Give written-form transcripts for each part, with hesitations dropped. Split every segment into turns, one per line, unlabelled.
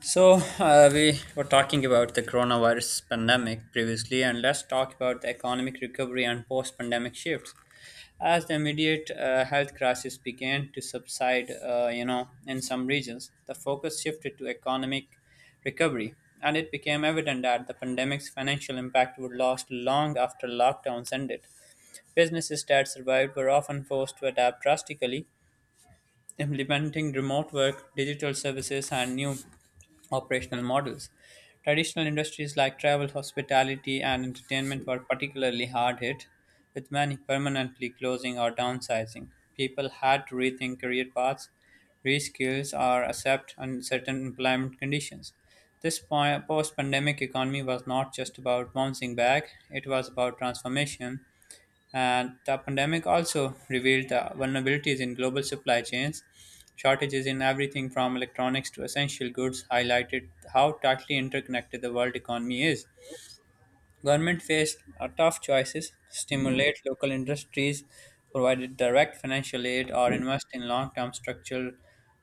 So, we were talking about the coronavirus pandemic previously, and let's talk about the economic recovery and post pandemic shifts. As the immediate health crisis began to subside, in some regions, the focus shifted to economic recovery, and it became evident that the pandemic's financial impact would last long after lockdowns ended. Businesses that survived were often forced to adapt drastically, implementing remote work, digital services, and new operational models. Traditional industries like travel, hospitality, and entertainment were particularly hard hit, with many permanently closing or downsizing. People had to rethink career paths, reskills, or accept uncertain employment conditions. This post pandemic economy was not just about bouncing back, it was about transformation, and the pandemic also revealed the vulnerabilities in global supply chains. Shortages in everything from electronics to essential goods highlighted how tightly interconnected the world economy is. Government faced a tough choices: stimulate local industries, provide direct financial aid, or invest in long-term structural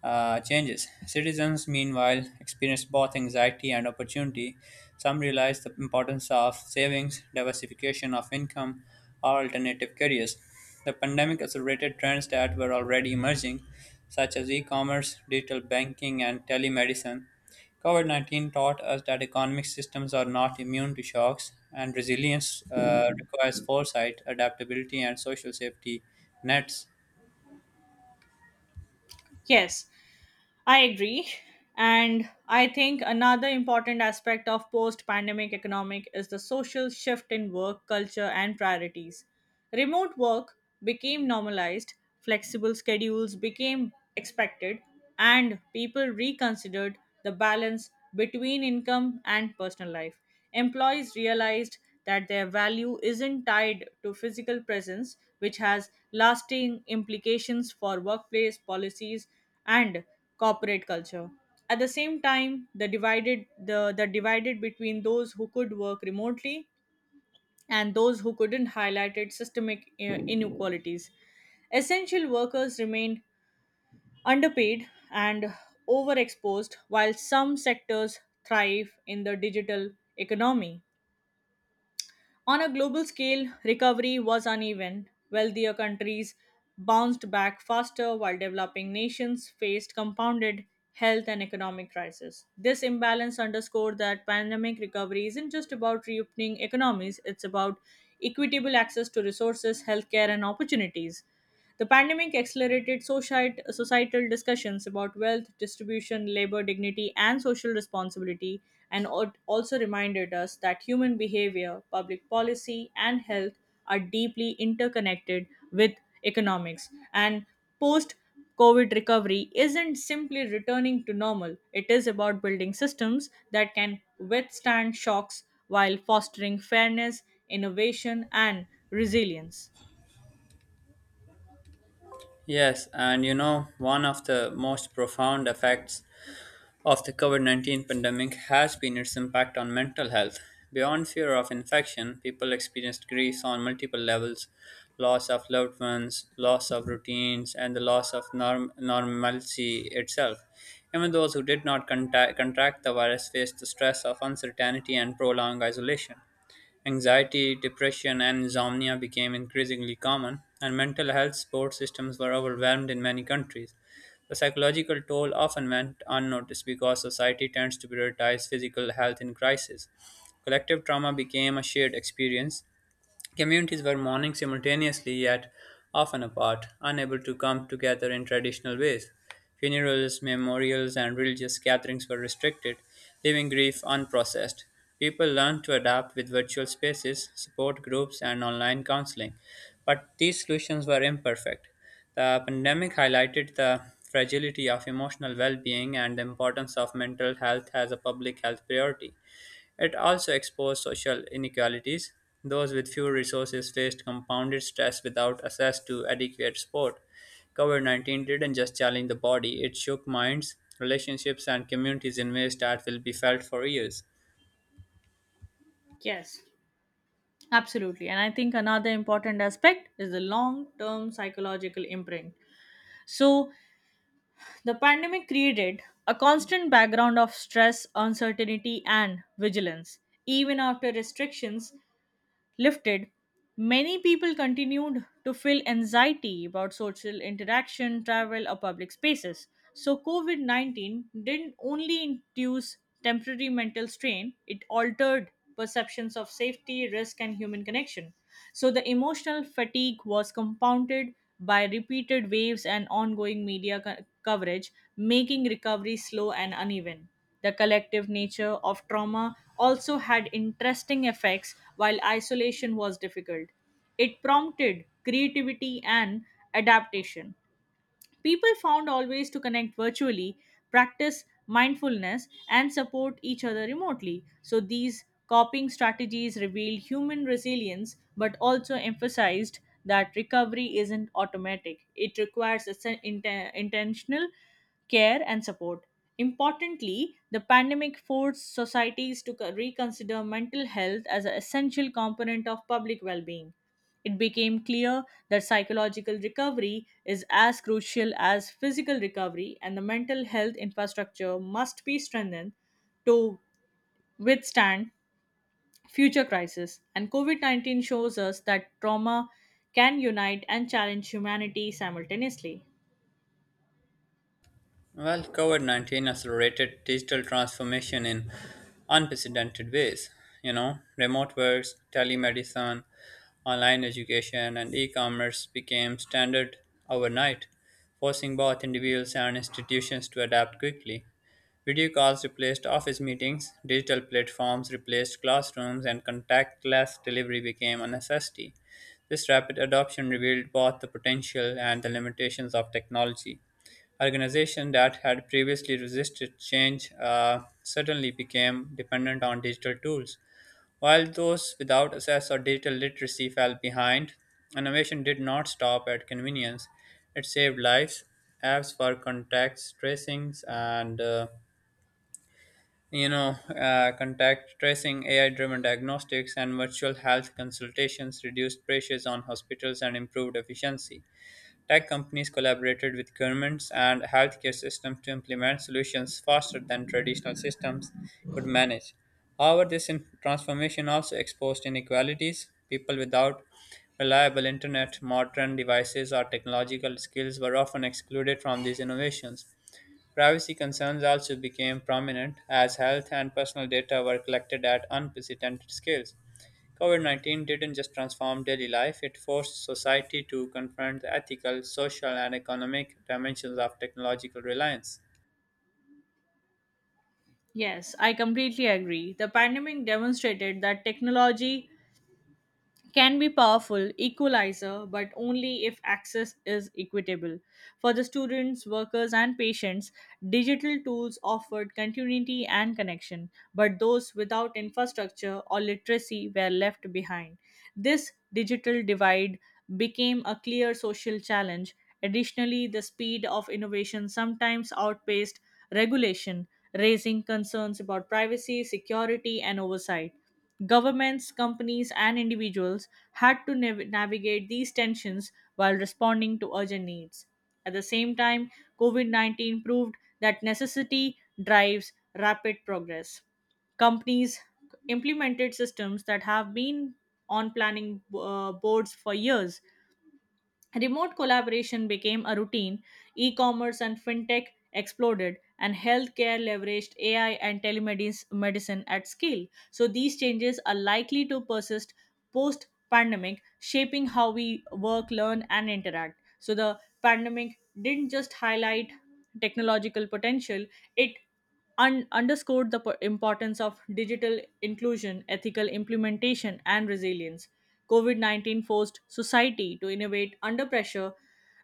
changes. Citizens, meanwhile, experienced both anxiety and opportunity. Some realized the importance of savings, diversification of income, or alternative careers. The pandemic accelerated trends that were already emerging, such as e-commerce, digital banking, and telemedicine. COVID 19 taught us that economic systems are not immune to shocks, and resilience requires foresight, adaptability, and social safety nets.
Yes, I agree. And I think another important aspect of post pandemic economic is the social shift in work culture and priorities. Remote work became normalized, flexible schedules became expected, and people reconsidered the balance between income and personal life. Employees realized that their value isn't tied to physical presence, which has lasting implications for workplace policies and corporate culture. At the same time, the divided between those who could work remotely and those who couldn't highlighted systemic inequalities. Essential workers remained underpaid and overexposed while some sectors thrive in the digital economy. On a global scale, recovery was uneven. Wealthier countries bounced back faster, while developing nations faced compounded health and economic crises. This imbalance underscored that pandemic recovery isn't just about reopening economies, it's about equitable access to resources, healthcare, and opportunities. The pandemic accelerated societal discussions about wealth, distribution, labor dignity, and social responsibility, and also reminded us that human behavior, public policy, and health are deeply interconnected with economics. And post COVID recovery isn't simply returning to normal, it is about building systems that can withstand shocks while fostering fairness, innovation, and resilience.
Yes, and you know, one of the most profound effects of the COVID 19 pandemic has been its impact on mental health. Beyond fear of infection, people experienced grief on multiple levels: loss of loved ones, loss of routines, and the loss of normalcy itself. Even those who did not contract the virus faced the stress of uncertainty and prolonged isolation. Anxiety, depression, and insomnia became increasingly common, and mental health support systems were overwhelmed in many countries. The psychological toll often went unnoticed because society tends to prioritize physical health in crisis. Collective trauma became a shared experience. Communities were mourning simultaneously yet often apart, unable to come together in traditional ways. Funerals, memorials, and religious gatherings were restricted, leaving grief unprocessed. People learned to adapt with virtual spaces, support groups, and online counseling, but these solutions were imperfect. The pandemic highlighted the fragility of emotional well being and the importance of mental health as a public health priority. It also exposed social inequalities. Those with few resources faced compounded stress without access to adequate support. COVID 19 didn't just challenge the body, it shook minds, relationships, and communities in ways that will be felt for years.
Yes. Absolutely. And I think another important aspect is the long term psychological imprint. So, the pandemic created a constant background of stress, uncertainty, and vigilance. Even after restrictions lifted, many people continued to feel anxiety about social interaction, travel, or public spaces. So, COVID 19 didn't only induce temporary mental strain, it altered perceptions of safety, risk, and human connection. So, the emotional fatigue was compounded by repeated waves and ongoing media coverage, making recovery slow and uneven. The collective nature of trauma also had interesting effects while isolation was difficult. It prompted creativity and adaptation. People found always to connect virtually, practice mindfulness, and support each other remotely. So these coping strategies revealed human resilience but also emphasized that recovery isn't automatic. It requires intentional care and support. Importantly, the pandemic forced societies to reconsider mental health as an essential component of public well being. It became clear that psychological recovery is as crucial as physical recovery, and the mental health infrastructure must be strengthened to withstand future crises. And COVID 19 shows us that trauma can unite and challenge humanity simultaneously.
Well, COVID 19 accelerated digital transformation in unprecedented ways. You know, remote works, telemedicine, online education, and e commerce became standard overnight, forcing both individuals and institutions to adapt quickly. Video calls replaced office meetings, digital platforms replaced classrooms, and contactless delivery became a necessity. This rapid adoption revealed both the potential and the limitations of technology. Organizations that had previously resisted change suddenly became dependent on digital tools. While those without access or digital literacy fell behind, innovation did not stop at convenience. It saved lives. Apps for contacts, tracings, and you know, contact tracing, AI driven diagnostics, and virtual health consultations reduced pressures on hospitals and improved efficiency. Tech companies collaborated with governments and healthcare systems to implement solutions faster than traditional systems could manage. However, this transformation also exposed inequalities. People without reliable internet, modern devices, or technological skills were often excluded from these innovations. Privacy concerns also became prominent as health and personal data were collected at unprecedented scales. COVID 19 didn't just transform daily life, it forced society to confront the ethical, social, and economic dimensions of technological reliance.
Yes, I completely agree. The pandemic demonstrated that technology can be powerful equalizer but only if access is equitable for the students workers and patients digital tools offered continuity and connection but those without infrastructure or literacy were left behind. This digital divide became a clear social challenge. Additionally, the speed of innovation sometimes outpaced regulation, raising concerns about privacy security and oversight. Governments, companies, and individuals had to navigate these tensions while responding to urgent needs. At the same time, COVID 19 proved that necessity drives rapid progress. Companies implemented systems that have been on planning boards for years. Remote collaboration became a routine, e commerce and fintech exploded, and healthcare leveraged AI and telemedicine at scale. So, these changes are likely to persist post pandemic, shaping how we work, learn, and interact. So, the pandemic didn't just highlight technological potential, it underscored the importance of digital inclusion, ethical implementation, and resilience. COVID 19 forced society to innovate under pressure,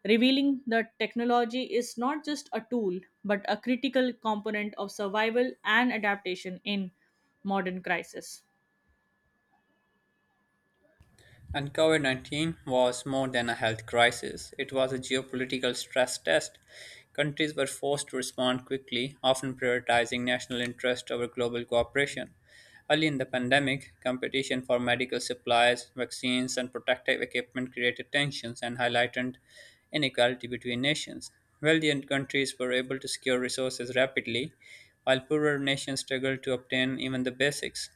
revealing that technology is not just a tool but a critical component of survival and adaptation in modern crisis.
And COVID 19 was more than a health crisis, it was a geopolitical stress test. Countries were forced to respond quickly, often prioritizing national interest over global cooperation. Early in the pandemic, competition for medical supplies, vaccines, and protective equipment created tensions and highlighted inequality between nations. Wealthier countries were able to secure resources rapidly, while poorer nations struggled to obtain even the basics.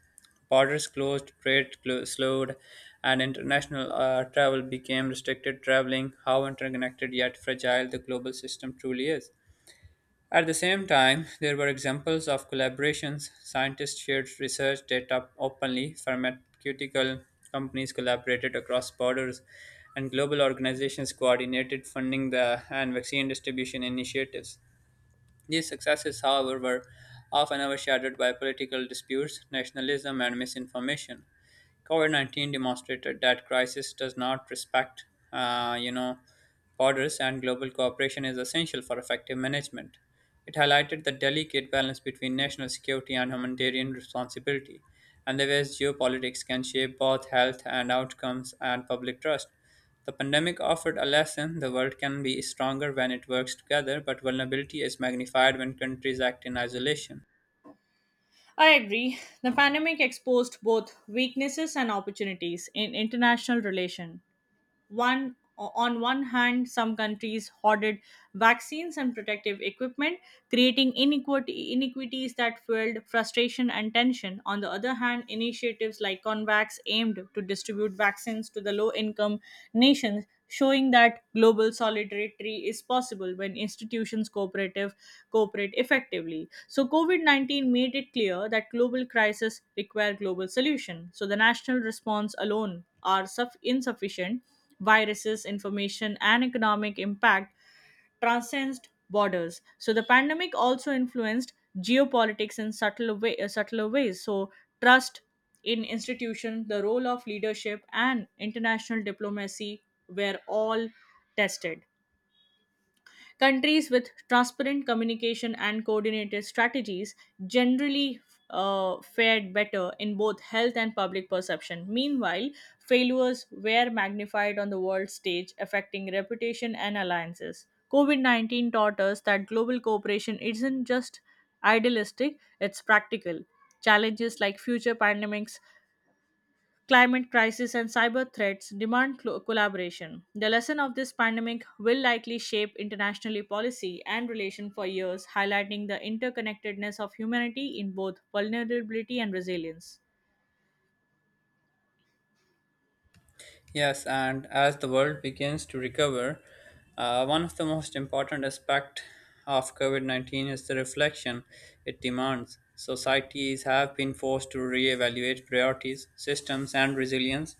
Borders closed, slowed, and international travel became restricted. Traveling, how interconnected yet fragile the global system truly is. At the same time, there were examples of collaborations. Scientists shared research data openly, pharmaceutical companies collaborated across borders, and global organizations coordinated funding the, and vaccine distribution initiatives. These successes, however, were often overshadowed by political disputes, nationalism, and misinformation. COVID 19 demonstrated that crisis does not respect, uh, you know, borders, and global cooperation is essential for effective management. It highlighted the delicate balance between national security and humanitarian responsibility, and the ways geopolitics can shape both health and outcomes and public trust. The pandemic offered a lesson: the world can be stronger when it works together, but vulnerability is magnified when countries act in isolation.
I agree. The pandemic exposed both weaknesses and opportunities in international relations. One hand, some countries hoarded vaccines and protective equipment, creating inequities that fueled frustration and tension. On the other hand, initiatives like convax aimed to distribute vaccines to the low income nations, showing that global solidarity is possible when institutions cooperative cooperate effectively. So covid-19 made it clear that global crises require global solution, so the national response alone are suff insufficient. Viruses, information, and economic impact transcends borders. So the pandemic also influenced geopolitics in subtler ways. So trust in institutions, the role of leadership, and international diplomacy were all tested. Countries with transparent communication and coordinated strategies generally fared better in both health and public perception. Meanwhile, failures were magnified on the world stage, affecting reputation and alliances. COVID 19 taught us that global cooperation isn't just idealistic, it's practical. Challenges like future pandemics, climate crisis and cyber threats demand collaboration. The lesson of this pandemic will likely shape internationally policy and relation for years, highlighting the interconnectedness of humanity in both vulnerability and resilience.
Yes, and as the world begins to recover, one of the most important aspects of COVID 19 is the reflection it demands. Societies have been forced to reevaluate priorities, systems, and resilience.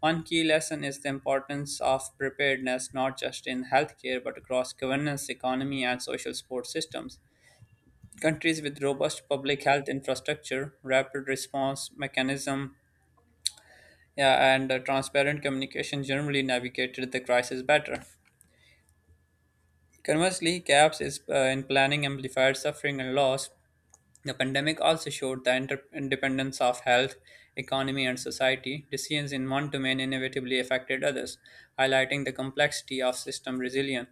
One key lesson is the importance of preparedness not just in healthcare but across governance, economy, and social support systems. Countries with robust public health infrastructure, rapid response mechanism, yeah, and transparent communication generally navigated the crisis better. Conversely, in planning amplified suffering and loss. The pandemic also showed the independence of health, economy, and society. Decisions in one domain inevitably affected others, highlighting the complexity of system resilience.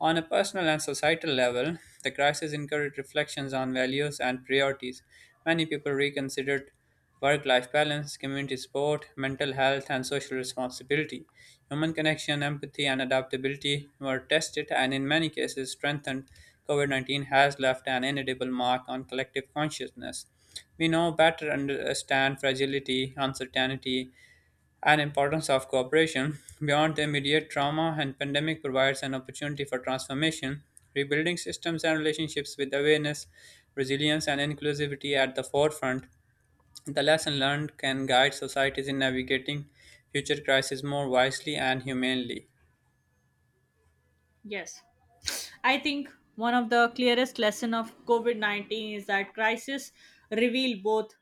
On a personal and societal level, the crisis encouraged reflections on values and priorities. Many people reconsidered work life balance, community support, mental health, and social responsibility. Human connection, empathy, and adaptability were tested and, in many cases, strengthened. COVID 19 has left an indelible mark on collective consciousness. We now better understand fragility, uncertainty, and importance of cooperation. Beyond the immediate trauma and pandemic provides an opportunity for transformation, rebuilding systems and relationships with awareness, resilience and inclusivity at the forefront. The lesson learned can guide societies in navigating future crises more wisely and humanely.
Yes. I think one of the clearest lesson of COVID-19 is that crisis reveal both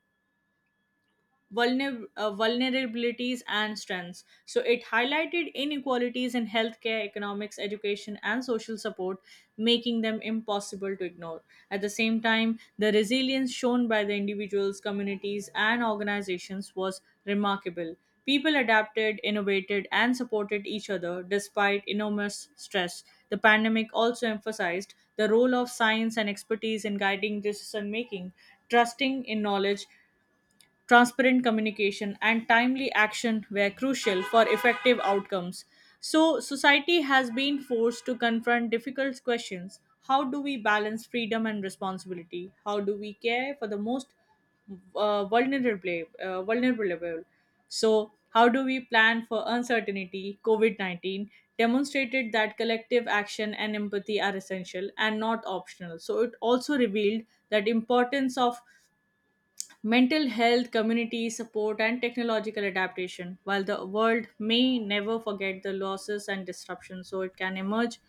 vulnerabilities and strengths. So it highlighted inequalities in healthcare, economics, education, and social support, making them impossible to ignore. At the same time, the resilience shown by the individuals, communities, and organizations was remarkable. People adapted, innovated, and supported each other despite enormous stress. The pandemic also emphasized the role of science and expertise in guiding decision making, trusting in knowledge, transparent communication, and timely action were crucial for effective outcomes. So, society has been forced to confront difficult questions. How do we balance freedom and responsibility? How do we care for the most vulnerable? So, how do we plan for uncertainty? COVID 19 demonstrated that collective action and empathy are essential and not optional. So, it also revealed that importance of mental health, community support, and technological adaptation. While the world may never forget the losses and disruptions, so it can emerge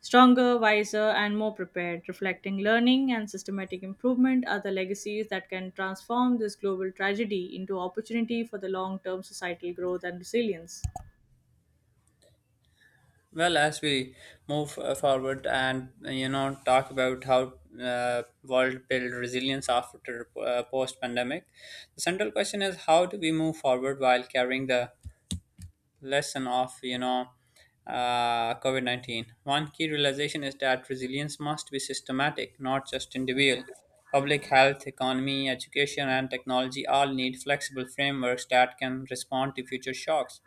stronger, wiser, and more prepared, reflecting learning and systematic improvement are the legacies that can transform this global tragedy into opportunity for the long term societal growth and resilience.
Well, as we move forward and talk about how world build resilience after post pandemic, the central question is how do we move forward while carrying the lesson of COVID 19. One key realization is that resilience must be systematic, not just individual. Public health, economy, education, and technology all need flexible frameworks that can respond to future shocks.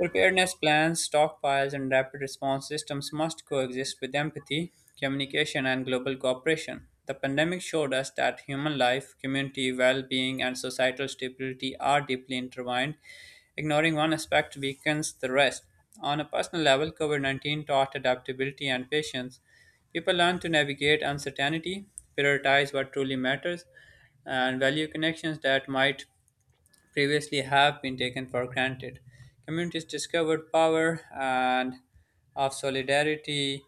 Preparedness plans, stockpiles, and rapid response systems must coexist with empathy, communication, and global cooperation. The pandemic showed us that human life, community well being, and societal stability are deeply intertwined. Ignoring one aspect weakens the rest. On a personal level, COVID 19 taught adaptability and patience. People learn to navigate uncertainty, prioritize what truly matters, and value connections that might previously have been taken for granted. Communities discovered power and of solidarity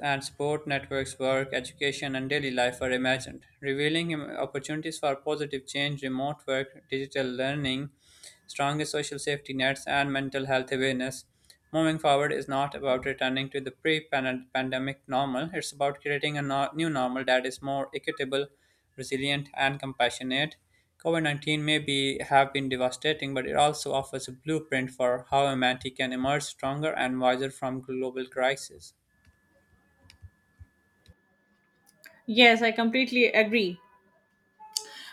and support networks, work, education, and daily life were imagined, revealing opportunities for positive change, remote work, digital learning, stronger social safety nets, and mental health awareness. Moving forward is not about returning to the pre pandemic normal, it's about creating a new normal that is more equitable, resilient, and compassionate. COVID 19 have been devastating, but it also offers a blueprint for how humanity can emerge stronger and wiser from global crises.
Yes, I completely agree.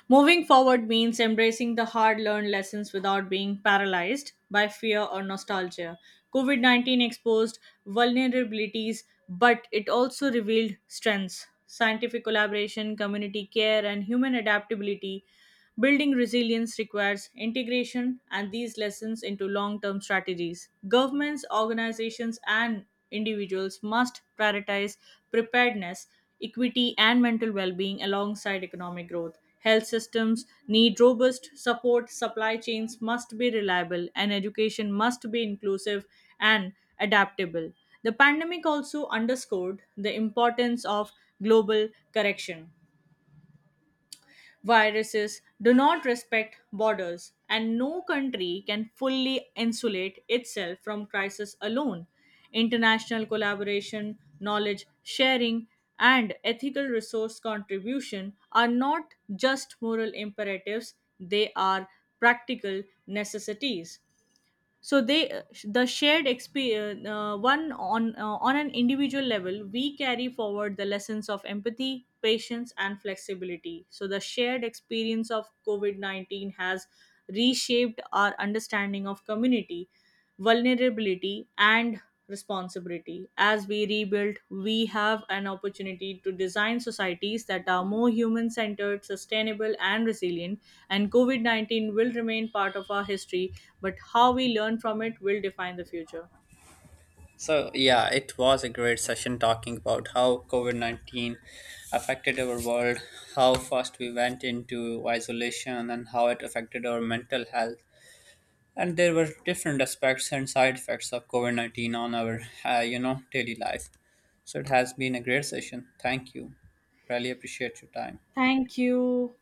Moving forward means embracing the hard learned lessons without being paralyzed by fear or nostalgia. COVID 19 exposed vulnerabilities, but it also revealed strengths. Scientific collaboration, community care, and human adaptability. Building resilience requires integration and these lessons into long term strategies. Governments, organizations, and individuals must prioritize preparedness, equity, and mental well being alongside economic growth. Health systems need robust support, supply chains must be reliable, and education must be inclusive and adaptable. The pandemic also underscored the importance of global correction. Viruses do not respect borders, and no country can fully insulate itself from crisis alone. International collaboration, knowledge sharing, and ethical resource contribution are not just moral imperatives, they are practical necessities. So the shared experience one on an individual level, we carry forward the lessons of empathy, patience and flexibility. So the shared experience of covid-19 has reshaped our understanding of community, vulnerability and responsibility. As we rebuild, we have an opportunity to design societies that are more human centered, sustainable and resilient. And covid-19 will remain part of our history, but how we learn from it will define the future.
So, yeah, it was a great session talking about how COVID 19 affected our world, how fast we went into isolation, and how it affected our mental health. And there were different aspects and side effects of COVID 19 on our, daily life. So, it has been a great session. Thank you. Really appreciate your time.
Thank you.